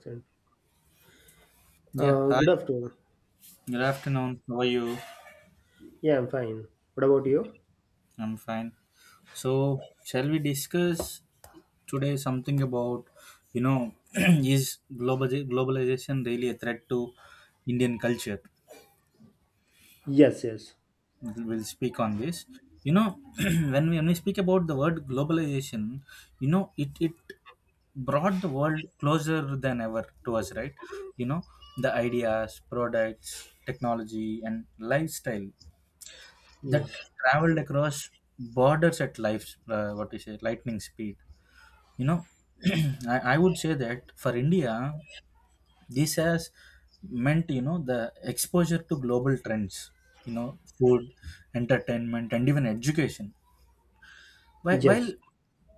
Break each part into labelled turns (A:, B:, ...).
A: Excellent.
B: Yeah, hi.
A: Good afternoon.
B: Good afternoon. How are you?
A: Yeah, I'm fine. What about you?
B: I'm fine. So, shall we discuss today something about, is globalization really a threat to Indian culture?
A: Yes, yes,
B: We'll speak on this. When we speak about the word globalization, it brought the world closer than ever to us, right? You know, the ideas, products, technology, and lifestyle that
A: yes,
B: traveled across borders at what you say, lightning speed. You know, I would say that for India, this has meant, the exposure to global trends, food, entertainment, and even education. While
A: yes.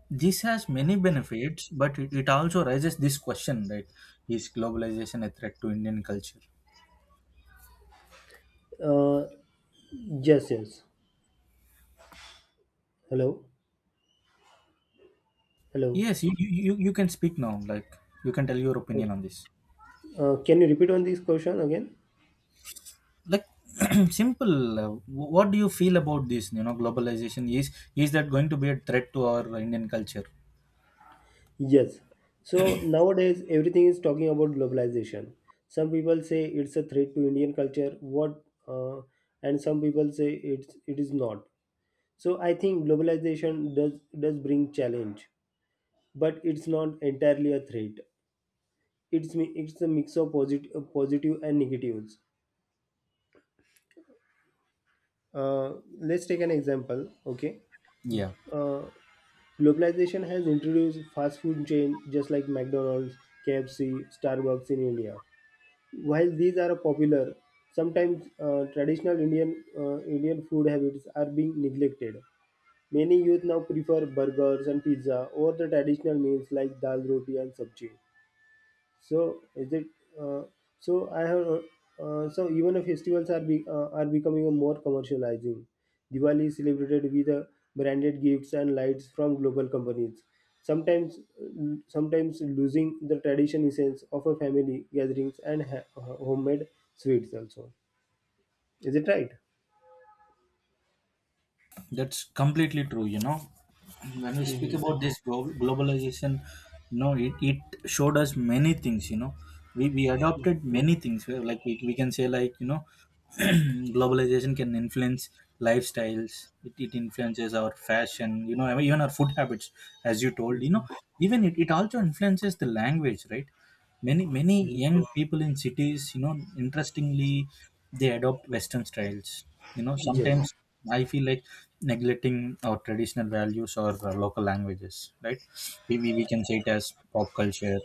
B: this has many benefits, but it also raises this question, right? Is globalization a threat to Indian culture?
A: Uh, yes, yes. Hello, hello.
B: Yes, you can speak now. Like, you can tell your
A: Okay.
B: opinion on this.
A: Can you repeat on this question again?
B: Like, simple what do you feel about this, globalization, is that going to be a threat to our Indian culture?
A: Yes. So nowadays, everything is talking about globalization. Some people say it's a threat to Indian culture. What? And some people say it is not. So I think globalization does bring challenge, but it's not entirely a threat. It's a mix of positive and negatives, uh, let's take an example. Okay,
B: Yeah,
A: uh, globalization has introduced fast food chain just like McDonald's, KFC, Starbucks in India. While these are popular, sometimes traditional indian Indian food habits are being neglected. Many youth now prefer burgers and pizza over the traditional meals like dal roti and sabji. So is it? Uh, so I have. So even if festivals are becoming a more commercializing, Diwali is celebrated with branded gifts and lights from global companies. Sometimes, sometimes losing the tradition essence of a family gatherings and homemade sweets also. Is it right?
B: that's completely true, you know. When we speak
A: Hmm.
B: about this globalization, it showed us many things, you know. We adopted many things where, like, we can say, like, you know, globalization can influence lifestyles. It influences our fashion, you know, even our food habits, as you told, you
A: Hmm.
B: know. Even it also influences the language, right? Many young people in cities, interestingly, they adopt Western styles, you know.
A: Yes.
B: Sometimes I feel like neglecting our traditional values or local languages, right? We can say it as pop culture,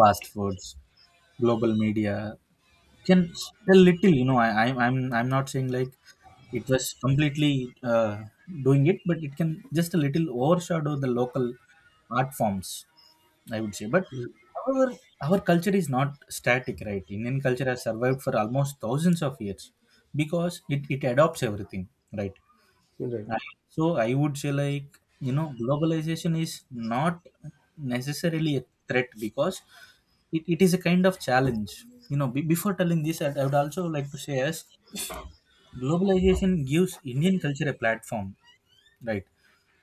B: fast foods, global media can a little, you know, I'm not saying like it was completely doing it, but it can just a little overshadow the local art forms, I would say. But
A: Mm.
B: our our culture is not static, right? Indian culture has survived for almost thousands of years because it adopts everything, right?
A: Right.
B: I- So I would say, like, globalization is not necessarily a threat because it is a kind of challenge. You know, before telling this, I would also like to say, as globalization gives Indian culture a platform, right?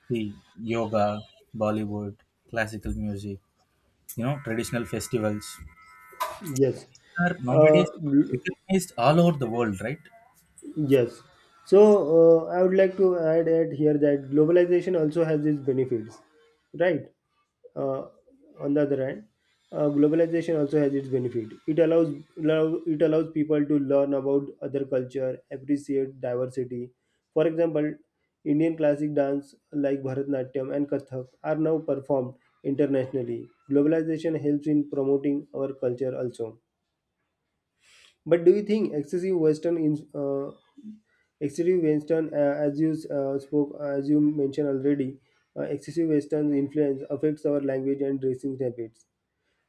B: See, yoga, Bollywood, classical music, traditional festivals,
A: Yes.
B: are
A: Uh,
B: nowadays recognized all over the world, right?
A: yes. So I would like to add at here that globalization also has its benefits, right? Uh, on the other hand, globalization also has its benefit. It it allows people to learn about other culture, appreciate diversity. For example, Indian classic dance like Bharatnatyam and Kathak are now performed internationally. Globalization helps in promoting our culture also. But do you think excessive western, as you mentioned already, excessive western influence affects our language and dressing habits.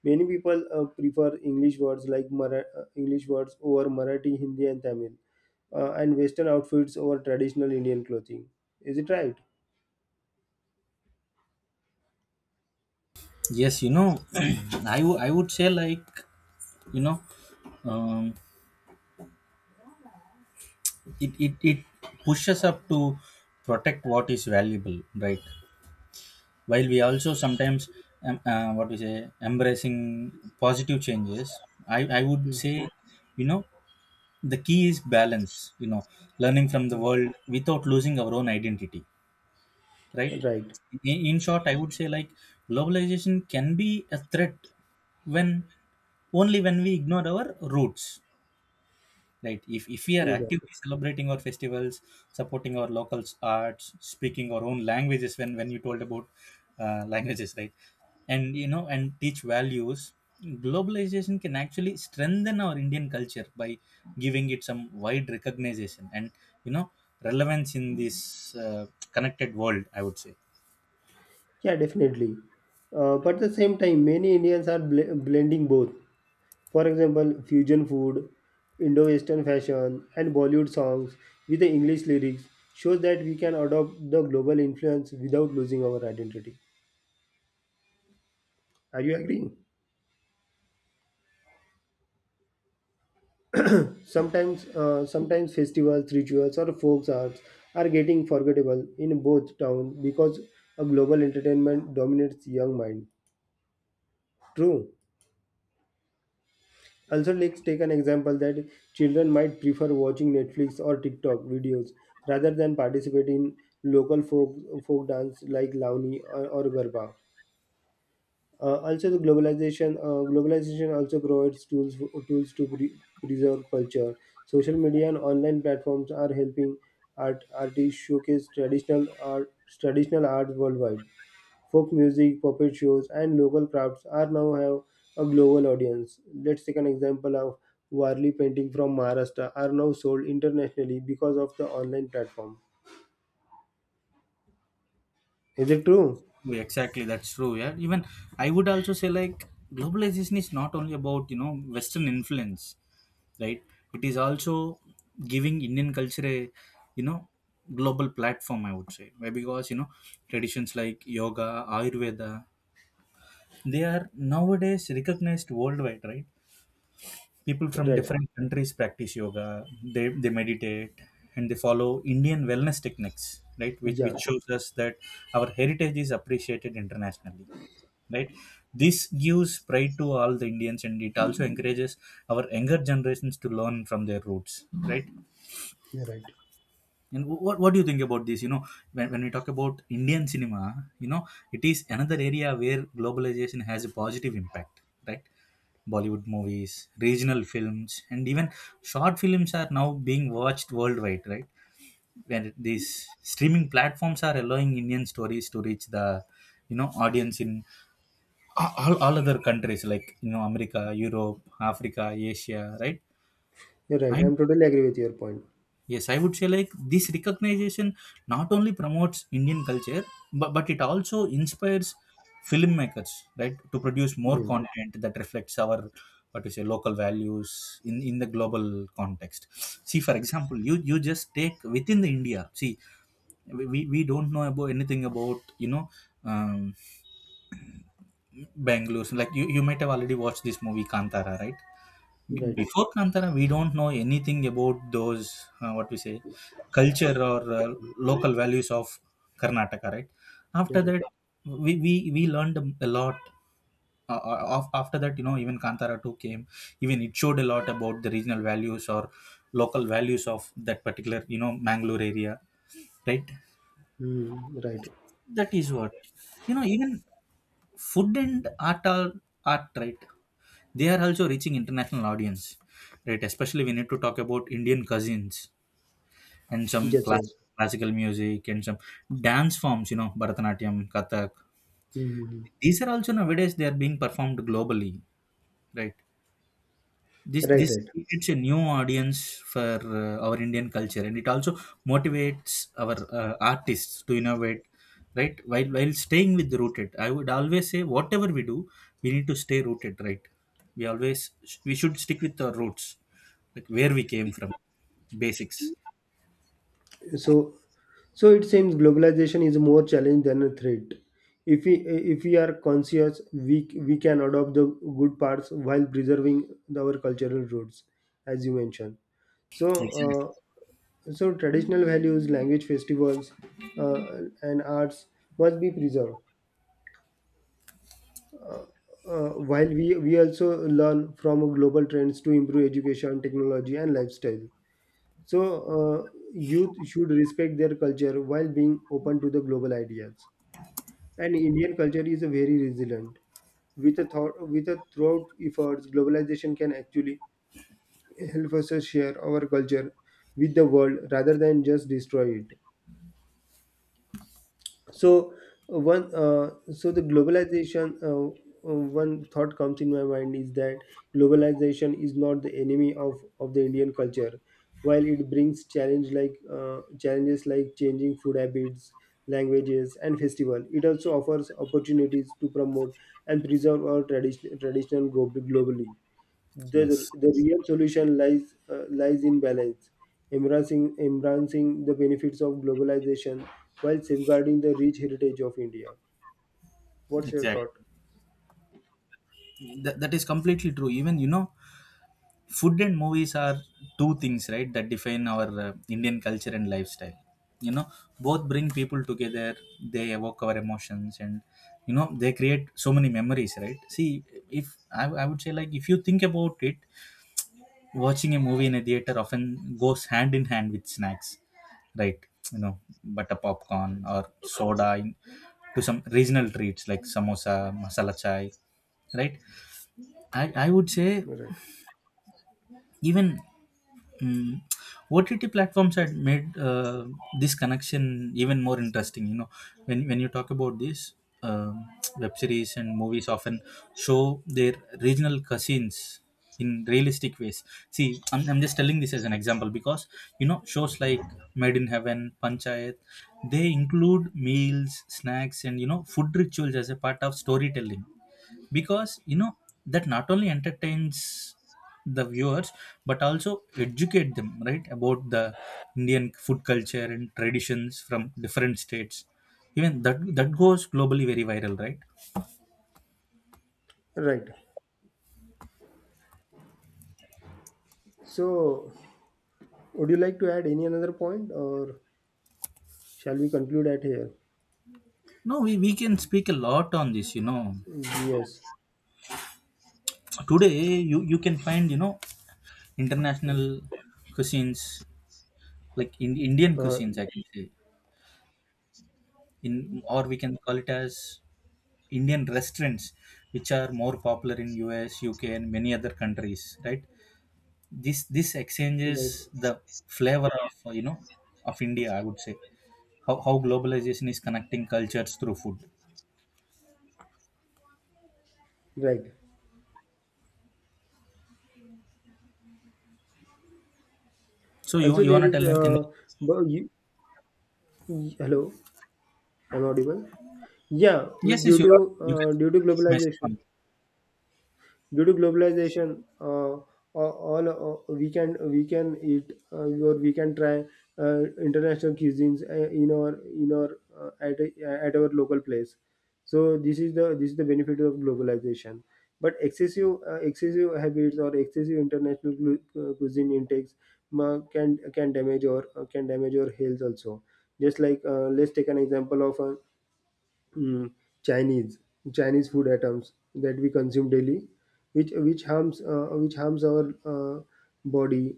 A: Many people prefer english words like Mara- English words over Marathi, Hindi and Tamil, and western outfits over traditional Indian clothing. Is it right?
B: Yes, I would say, like, you know, um, it pushes up to protect what is valuable, right? While we also sometimes, what we say, embracing positive changes, I would
A: Hmm.
B: say, you know, the key is balance, learning from the world without losing our own identity, right?
A: Right.
B: In short, I would say, like, globalization can be a threat when only when we ignore our roots, right. If we are
A: Exactly.
B: actively celebrating our festivals, supporting our local arts, speaking our own languages, when you told about languages, right, and, you know, and teach values, globalization can actually strengthen our Indian culture by giving it some wide recognition and, you know, relevance in this uh, connected world, I would say.
A: Yeah, definitely. But at the same time, many Indians are bl blending both. For example, fusion food, Indo-Western fashion, and Bollywood songs with the English lyrics shows that we can adopt the global influence without losing our identity. Are you agreeing? Sometimes, sometimes festivals, rituals, or folk arts are getting forgettable in both towns because a global entertainment dominates young mind. True. Also, let's take an example that children might prefer watching Netflix or TikTok videos rather than participate in local folk, folk dance like Launi or Garba. Also, the globalization globalization also provides tools to preserve culture. Social media and online platforms are helping artists showcase traditional art worldwide. Folk music, puppet shows, and local crafts are now have a global audience. Let's take an example of Warli painting from Maharashtra are now sold internationally because of the online platform. Is it true?
B: Yeah, exactly, that's true, yeah. Even I would also say, like, globalization is not only about, you know, Western influence, right? It is also giving Indian culture a, you know, global platform, I would say. Why? Because, you know, traditions like yoga, Ayurveda, they are nowadays recognized worldwide, right? People from
A: Right.
B: different countries practice yoga, they meditate, and they follow Indian wellness techniques, right? which
A: Yeah.
B: which shows us that our heritage is appreciated internationally, right? This gives pride to all the Indians, and it also encourages our younger generations to learn from their roots, right?
A: You're right.
B: And what do you think about this, you know? When we talk about Indian cinema, you know, it is another area where globalization has a positive impact, right? Bollywood movies, regional films, and even short films are now being watched worldwide, right? When these streaming platforms are allowing Indian stories to reach the, you know, audience in all other countries, like, you know, America, Europe, Africa, Asia, right?
A: You're
B: I
A: right. I'm totally agree with your point.
B: yes I would say, like, this recognition not only promotes Indian culture, but it also inspires filmmakers, right, to produce more
A: Yes.
B: content that reflects our, what to say, local values in the global context. See, for example, you just take within the India. See, we don't know about anything about, you know, um, Bangalore. So, like you might have already watched this movie Kantara, right? Be-
A: Right.
B: before Kantara, we don't know anything about those what we say culture or local values of Karnataka, right?
A: You're
B: After
A: right.
B: that, we learned a lot. After that, you know, even Kantara 2 came, even it showed a lot about the regional values or local values of that particular, you know, Mangalore area, right?
A: Hmm. Right.
B: That is what, you know, even food and art are art right they are also reaching international audience, right, especially. We need to talk about Indian cousins and some
A: Yes.
B: class,
A: Yes.
B: classical music and some dance forms, you know, Bharatanatyam, Kathak.
A: Hmm, hmm, hmm.
B: These are also nowadays they are being performed globally, right? this
A: Right.
B: this
A: Right.
B: creates a new audience for our Indian culture, and it also motivates our artists to innovate, right, while staying with the rooted. I would always say whatever we do, we need to stay rooted, right. We always we should stick with our roots, like where we came from, basics.
A: So, so, it seems globalization is more challenge than a threat. If we are conscious, we can adopt the good parts while preserving our cultural roots, as you mentioned. So,
B: Exactly,
A: uh, traditional values, language, festivals, and arts must be preserved. While we also learn from global trends to improve education, technology, and lifestyle. So, youth should respect their culture while being open to the global ideas. And Indian culture is a very resilient. With a thought, with a throughout efforts, globalization can actually help us to share our culture with the world rather than just destroy it. So one so the globalization one thought comes in my mind is that globalization is not the enemy of the Indian culture. While it brings challenges like changing food habits, languages and festival, it also offers opportunities to promote and preserve our traditional globally. the,
B: yes,
A: the real solution lies in balance, embracing the benefits of globalization while safeguarding the rich heritage of India. What's your
B: exactly.
A: thought?
B: That is completely true. Even, you know, food and movies are two things, right, that define our Indian culture and lifestyle, you know. Both bring people together. They evoke our emotions, and, you know, they create so many memories, right? See, if I would say, like, if you think about it, watching a movie in a theater often goes hand in hand with snacks, right, you know, butter popcorn or soda, to some regional treats like samosa, masala chai, right. I would say,
A: Right.
B: even Mm. OTT platforms had made this connection even more interesting. You know, when you talk about this, um web series and movies often show their regional cousins in realistic ways. See, I'm just telling this as an example because, you know, shows like Made in Heaven, Panchayat, they include meals, snacks, and, you know, food rituals as a part of storytelling because, you know, that not only entertains the viewers but also educate them, right, about the Indian food culture and traditions from different states. Even that goes globally very viral, right?
A: Right. So, would you like to add any another point, or shall we conclude at here?
B: No, we can speak a lot on this, you know.
A: Yes.
B: Today you can find, you know, international cuisines, like, Indian
A: Uh,
B: cuisines, I can say, in or we can call it as Indian restaurants, which are more popular in US, UK, and many other countries, right? This exchanges
A: right.
B: the flavor of, you know, of India. I would say how globalization is connecting cultures through food.
A: Right.
B: So you
A: Also,
B: you
A: there
B: wanna
A: is.
B: tell them? In
A: Bu- you- Hello. Am I audible? Yeah,
B: Yes, yes,
A: due
B: you
A: to
B: are. You can
A: due to
B: keep myself
A: globalization.
B: on.
A: Due to globalization, all, we can eat or we can try uh, international cuisines in our, at our local place. So this is the benefit of globalization. But excessive habits or excessive cuisine intakes can damage or can damage your health also. Just like, let's take an example of a, mm, Chinese Chinese food items that we consume daily, which harms our, body,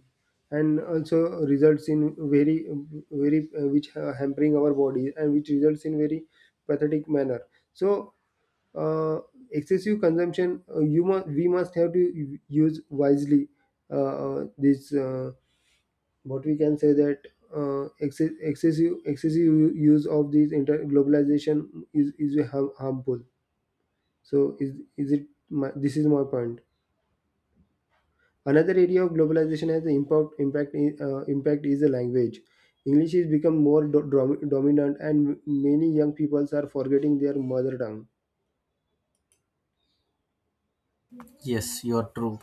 A: and also results in very, very which hampering our body and which results in very pathetic manner. So, uh, excessive consumption, you must we must have to use wisely, uh, this. But we can say that, excessive use of this inter globalization is harmful. So is it my, this is my point. Another area of globalization has the impact is the language. English is become more dominant, and many young people are forgetting their mother tongue.
B: Yes, you are true.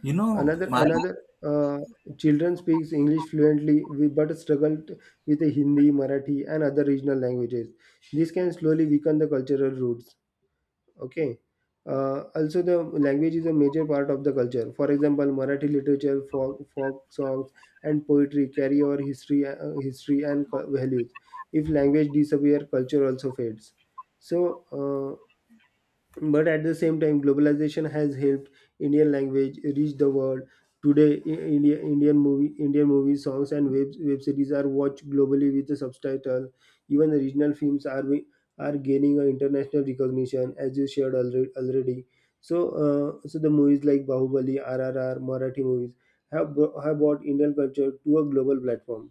B: You know
A: Another
B: my,
A: another uh, Children speaks English fluently, but struggle with the Hindi, Marathi, and other regional languages. This can slowly weaken the cultural roots. Okay, also the language is a major part of the culture. For example, Marathi literature, folk songs and poetry carry our history and values. If language disappears, culture also fades. So but at the same time, globalization has helped Indian language reach the world. Today Indian movies, songs and web series are watched globally with the subtitle. Even the regional films are gaining an international recognition as you shared already. So, the movies like Bahubali, RRR, Marathi movies have brought Indian culture to a global platform.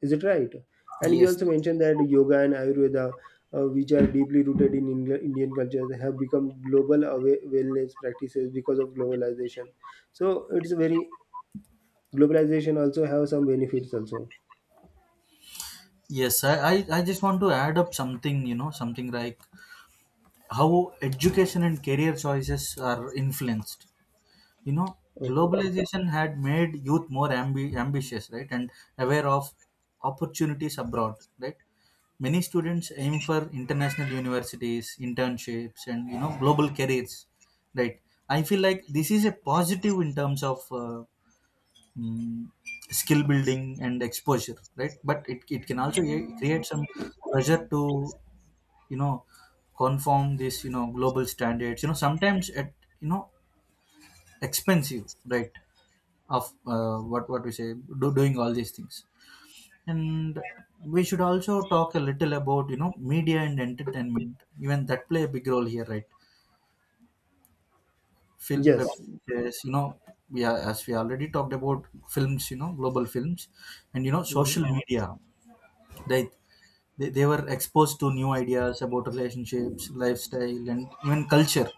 A: Is it right? And you
B: yes,
A: also mentioned that yoga and Ayurveda, which are deeply rooted in Indian culture, have become global wellness practices because of globalization. So it's very, globalization also have some benefits also.
B: yes, I just want to add up something, you know, something like how education and career choices are influenced, you know.
A: Okay.
B: Globalization had made youth more ambitious, right, and aware of opportunities abroad, right. Many students aim for international universities, internships, and, you know, global careers, right. I feel like this is a positive in terms of mm, skill building and exposure, right, but it can also create some pressure to, you know, conform this, you know, global standards, you know, sometimes at, you know, expensive, right, of what we say, doing all these things. And we should also talk a little about, you know, media and entertainment. Even that play a big role here, right? Film web
A: Yes.
B: series, you know, as we already talked about films, you know, global films, and, you know,
A: Mhm.
B: social media, right? They were exposed to new ideas about relationships, lifestyle, and even culture,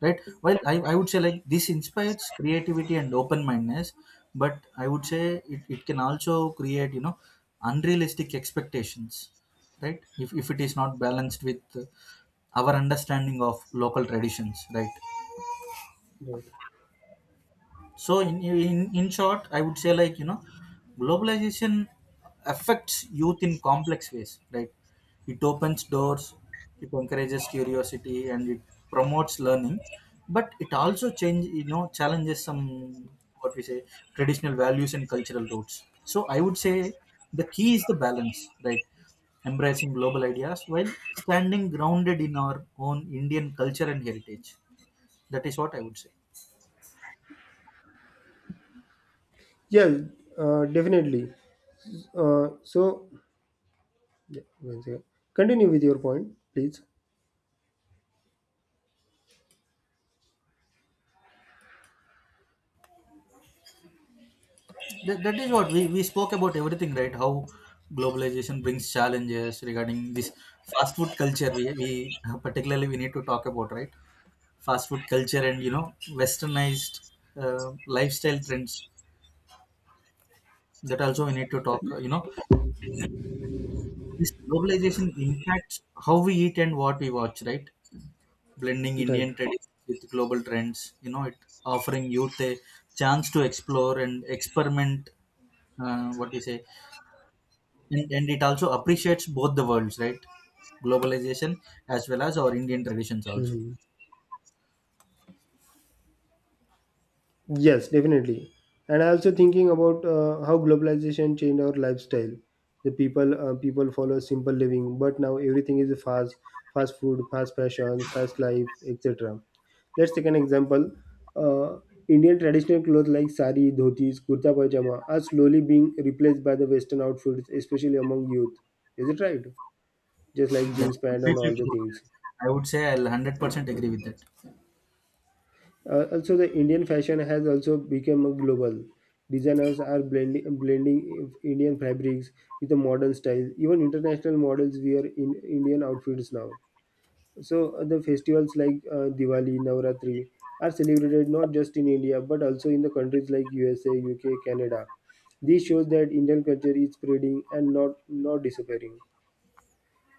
B: right? Well, I would say, like, this inspires creativity and open-mindedness, but I would say it can also create, you know, unrealistic expectations, right, if it is not balanced with our understanding of local traditions, right?
A: Right.
B: So in short, I would say, like, you know, globalization affects youth in complex ways, right. It opens doors, it encourages curiosity, and it promotes learning, but it also change, you know, challenges some, what we say, traditional values and cultural roots. So I would say the key is the balance, right, embracing global ideas while standing grounded in our own Indian culture and heritage. That is what I would say.
A: Yes. Definitely. So, yeah, one second. Continue with your point, please.
B: That is what we spoke about everything, right? How globalization brings challenges regarding this fast food culture. We particularly we need to talk about, right, fast food culture and you know westernized lifestyle trends. That also we need to talk. You know, this globalization impacts how we eat and what we watch, right? Blending
A: Right.
B: Indian traditions with global trends. You know, it offering youth a chance to explore and experiment. What do you say? And it also appreciates both the worlds, right? Globalization as well as our Indian traditions also.
A: Mhm. Yes, definitely. And I also thinking about how globalization changed our lifestyle. The people follow simple living, but now everything is fast: fast food, fast fashion, fast life, etc. Let's take an example. Uh, Indian traditional clothes like sari, dhotis, kurta pajama are slowly being replaced by the Western outfits, especially among youth. Is it right? Just like jeans
B: That's
A: pant and
B: completely
A: all the
B: true.
A: things.
B: I would say I'll 100% agree with that.
A: Also, the Indian fashion has also become global. Designers are blending Indian fabrics with the modern style. Even international models wear in Indian outfits now. So, the festivals like Diwali, Navratri are celebrated not just in India but also in the countries like USA, UK, Canada. This shows that Indian culture is spreading and not disappearing.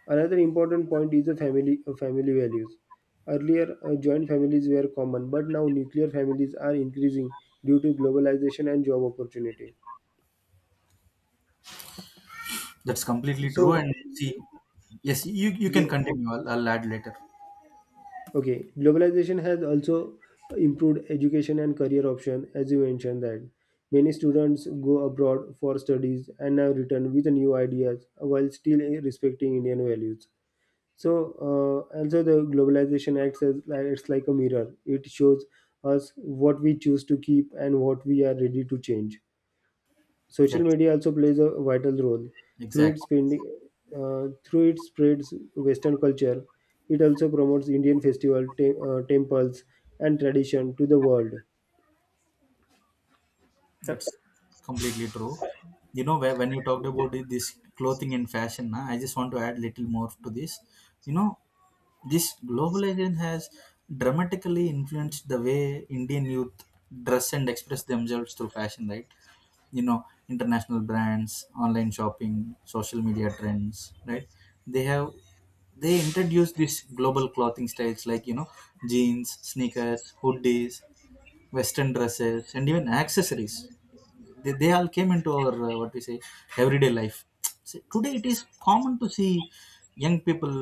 A: Another important point is the family values. Earlier, joint families were common, but now nuclear families are increasing due to globalization and job opportunity.
B: That's completely true,
A: So,
B: and see, yes, you
A: yeah,
B: can continue. I'll add later.
A: okay, globalization has also improved education and career option, as you mentioned, that many students go abroad for studies and now return with new ideas while still respecting Indian values. So also the globalization acts as like it's like a mirror. It shows us what we choose to keep and what we are ready to change. Social
B: That's
A: media also plays a vital role through
B: exact.
A: its spending, through it spreads Western culture. It also promotes Indian festival, temples, and tradition to the world.
B: That's completely true. You know, when you talked about this clothing and fashion na, I just want to add little more to this. You know, this globalization has dramatically influenced the way Indian youth dress and express themselves through fashion, right? You know, international brands, online shopping, social media trends, right? They have they introduced these global clothing styles, like you know, jeans, sneakers, hoodies, western dresses, and even accessories, they all came into our what we say everyday life. See, today it is common to see young people,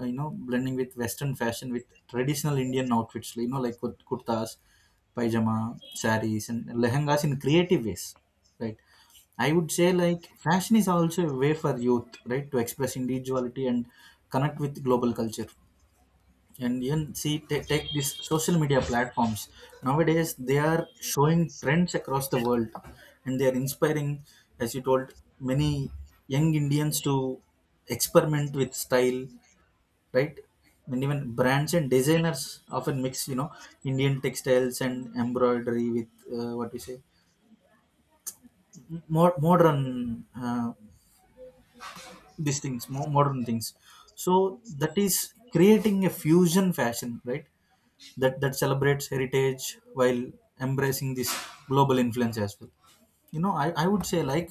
B: you know, blending with western fashion with traditional Indian outfits, you know, like kurtas, pajama, saris and lehengas in creative ways, right? I would say like fashion is also a way for youth, right, to express individuality and connect with global culture. And even see, take these social media platforms. Nowadays they are showing trends across the world, and they are inspiring, as you told, many young Indians to experiment with style, right? And even brands and designers often mix, you know, Indian textiles and embroidery with what we say more modern, these things more modern things. So that is creating a fusion fashion, right? That that celebrates heritage while embracing this global influence as well. You know, I would say like,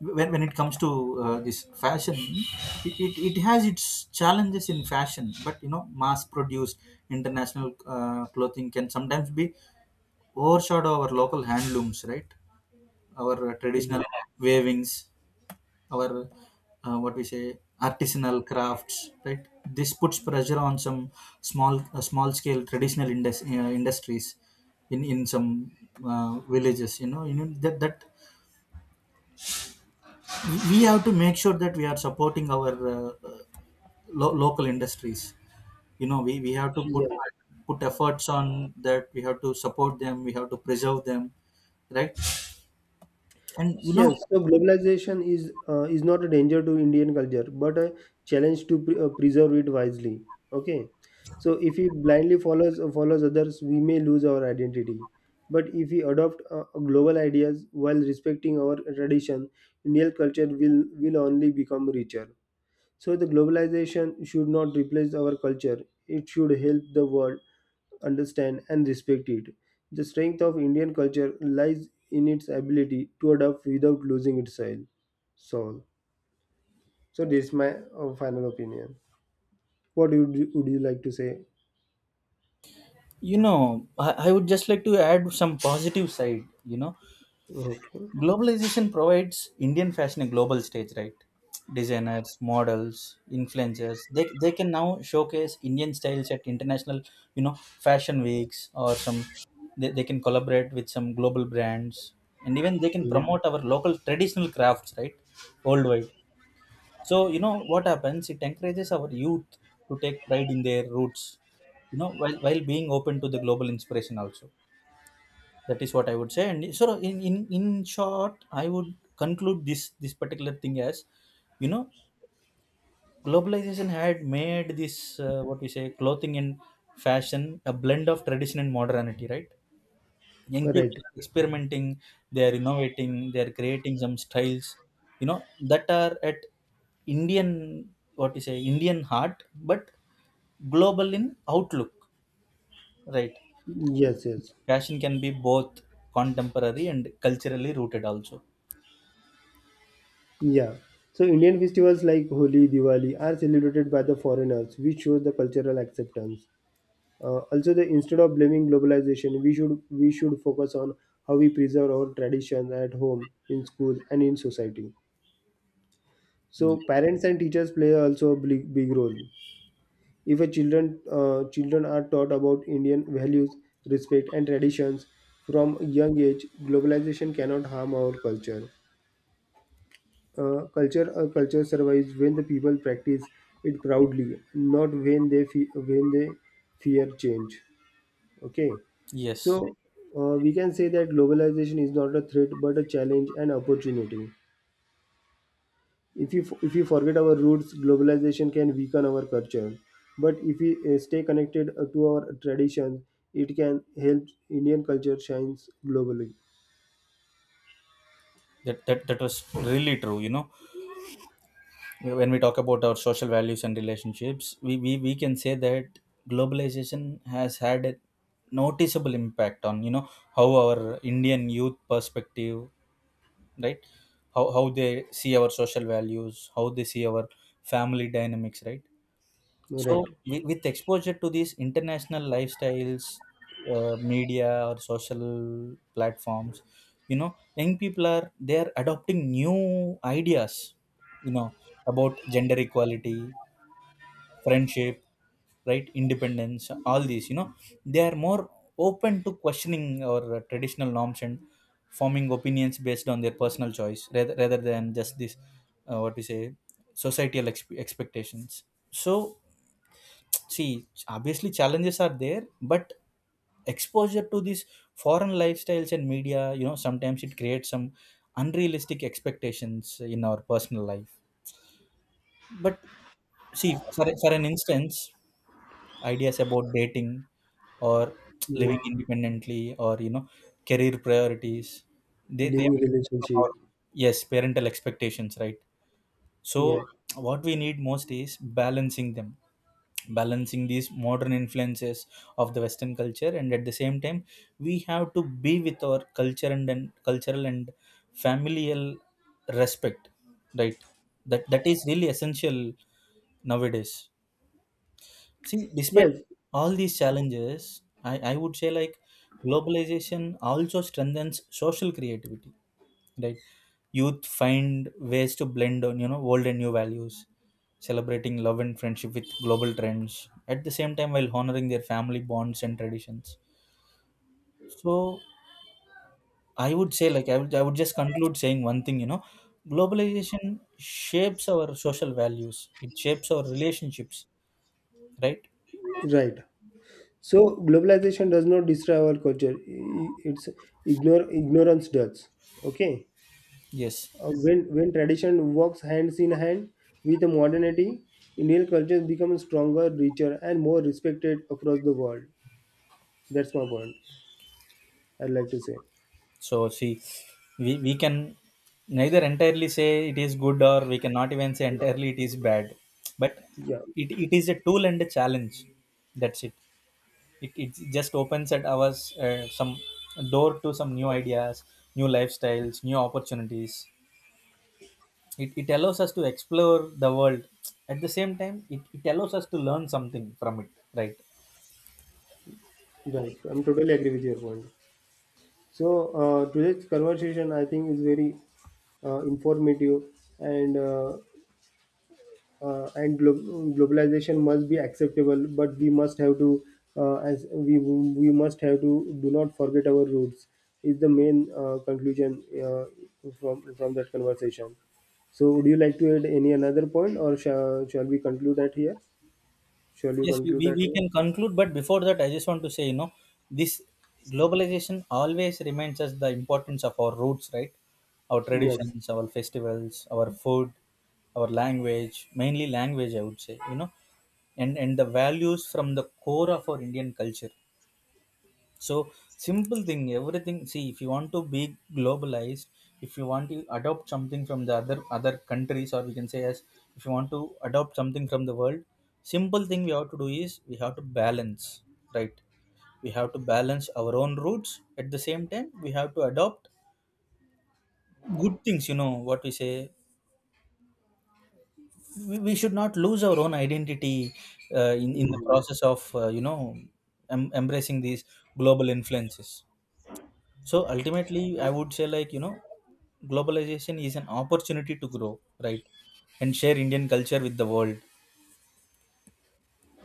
B: when it comes to this fashion, it has its challenges in fashion, but you know, mass produced international clothing can sometimes be overshadowed our local handlooms, right? Our traditional
A: Indeed.
B: wavings, our what we say artisanal crafts, right? This puts pressure on some small small scale traditional industries in some villages. You know, you know that that we have to make sure that we are supporting our local industries. You know, we have to
A: Yes.
B: put efforts on that. We have to support them, we have to preserve them, right? And you know,
A: Yes, so globalization is not a danger to Indian culture, but a challenge to preserve it wisely. Okay, so if we blindly follows others, we may lose our identity. But if we adopt, global ideas while respecting our tradition, Indian culture will only become richer. So the globalization should not replace our culture. It should help the world understand and respect it. The strength of Indian culture lies in its ability to adapt without losing its soil. Soul. So this is my final opinion. What would you like to say?
B: you know, I would just like to add some positive side. You know,
A: Okay.
B: globalization provides Indian fashion a global stage, right? Designers, models, influencers, they can now showcase Indian styles at international, you know, fashion weeks or some, they can collaborate with some global brands, and even they can
A: Mm.
B: promote our local traditional crafts, right? Worldwide. So, you know, what happens? It encourages our youth to take pride in their roots, you know, while being open to the global inspiration also. That is what I would say. And so in short, I would conclude this particular thing as, you know, globalization had made this, what we say clothing and fashion a blend of tradition and modernity, right? Young people
A: Right.
B: are experimenting, they are innovating, they are creating some styles, you know, that are at Indian, what you say, Indian heart, but global in outlook, right?
A: Yes, yes.
B: Fashion can be both contemporary and culturally rooted also.
A: Yeah. So Indian festivals like Holi, Diwali are celebrated by the foreigners, which shows the cultural acceptance. Also, the instead of blaming globalization, we should focus on how we preserve our traditions at home, in school, and in society. So, parents and teachers play also a big role. If a children are taught about Indian values, respect, and traditions from a young age, globalization cannot harm our culture. A culture survives when the people practice it proudly, not when when they fear change. Okay,
B: Yes,
A: so we can say that globalization is not a threat but a challenge and opportunity. If we forget our roots, globalization can weaken our culture. But if we, stay connected to our traditions, it can help Indian culture shines globally.
B: that was really true. You know, when we talk about our social values and relationships, we can say that globalization has had a noticeable impact on, you know, how our Indian youth perspective, right? How they see our social values, how they see our family dynamics, right? So,
A: Right.
B: with exposure to these international lifestyles, media or social platforms, you know, young people are they are adopting new ideas, you know, about gender equality, friendship, right, independence, all these. You know, they are more open to questioning our traditional norms and forming opinions based on their personal choice, rather than just this, uh, what we say, societal expectations. So, see, obviously challenges are there, but exposure to these foreign lifestyles and media, you know, sometimes it creates some unrealistic expectations in our personal life. But see, for an instance, ideas about dating or
A: Yeah.
B: living independently or, you know, career priorities, they
A: Living
B: from
A: relationship.
B: our, yes, parental expectations, right? So,
A: Yeah.
B: what we need most is balancing these modern influences of the Western culture, and at the same time, we have to be with our culture and, cultural and familial respect, right? That that is really essential nowadays. See, despite
A: Yes.
B: all these challenges, I would say like globalization also strengthens social creativity, right? Youth find ways to blend on, you know, old and new values, celebrating love and friendship with global trends, at the same time while honoring their family bonds and traditions. So I would say like I would just conclude saying one thing, you know, globalization shapes our social values, it shapes our relationships, right?
A: Right. So globalization does not destroy our culture. I- It's ignore ignorance does. Okay.
B: Yes.
A: When when tradition works hands in hand with modernity, Indian culture becomes stronger, richer, and more respected across the world. That's my point. I'd like to say.
B: So see, we can neither entirely say it is good or we cannot even say entirely it is bad. But
A: Yeah,
B: it is a tool and a challenge. That's it. It just opens at us some door to some new ideas, new lifestyles, new opportunities. It allows us to explore the world. At the same time, it allows us to learn something from it, right?
A: right. I'm totally agree with your point. So today's conversation, I think, is very informative, and globalization must be acceptable, but we must have to, as we must have to do not forget our roots, is the main conclusion from that conversation. So would you like to add any another point, or shall we conclude that here? Shall we
B: Yes, we,
A: conclude
B: we,
A: that
B: we
A: here?
B: can conclude, but before that, I just want to say, you know, this globalization always reminds us the importance of our roots, right? Our
A: Yes.
B: traditions, our festivals, our food, our language, mainly language, I would say, you know, and the values from the core of our Indian culture. So simple thing, everything. See, if you want to be globalized, if you want to adopt something from the other countries, or we can say as, if you want to adopt something from the world, simple thing we have to do is we have to balance, right? We have to balance our own roots. At the same time, we have to adopt good things. You know what we say. We should not lose our own identity in the
A: Hmm.
B: process of you know embracing these global influences. So ultimately, I would say like you know, globalization is an opportunity to grow, right, and share Indian culture with the world,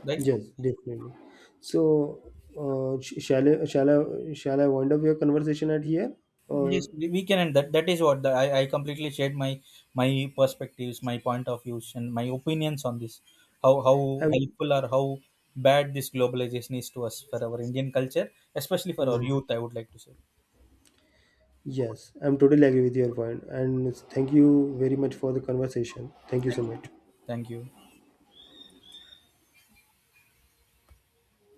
B: right?
A: Yes, definitely. So uh, sh- shall I, shall shall I wind up your conversation at here, or?
B: Yes, we can, and that that is what the, I completely shared my my perspectives, my point of views, and my opinions on this. How
A: Have,
B: helpful or how bad this globalization is to us for our Indian culture, especially for our
A: hmm.
B: youth. I would like to say.
A: Yes, I'm totally agree with your point, and thank you very much for the conversation. Thank you
B: Thank
A: so much.
B: you. Thank you.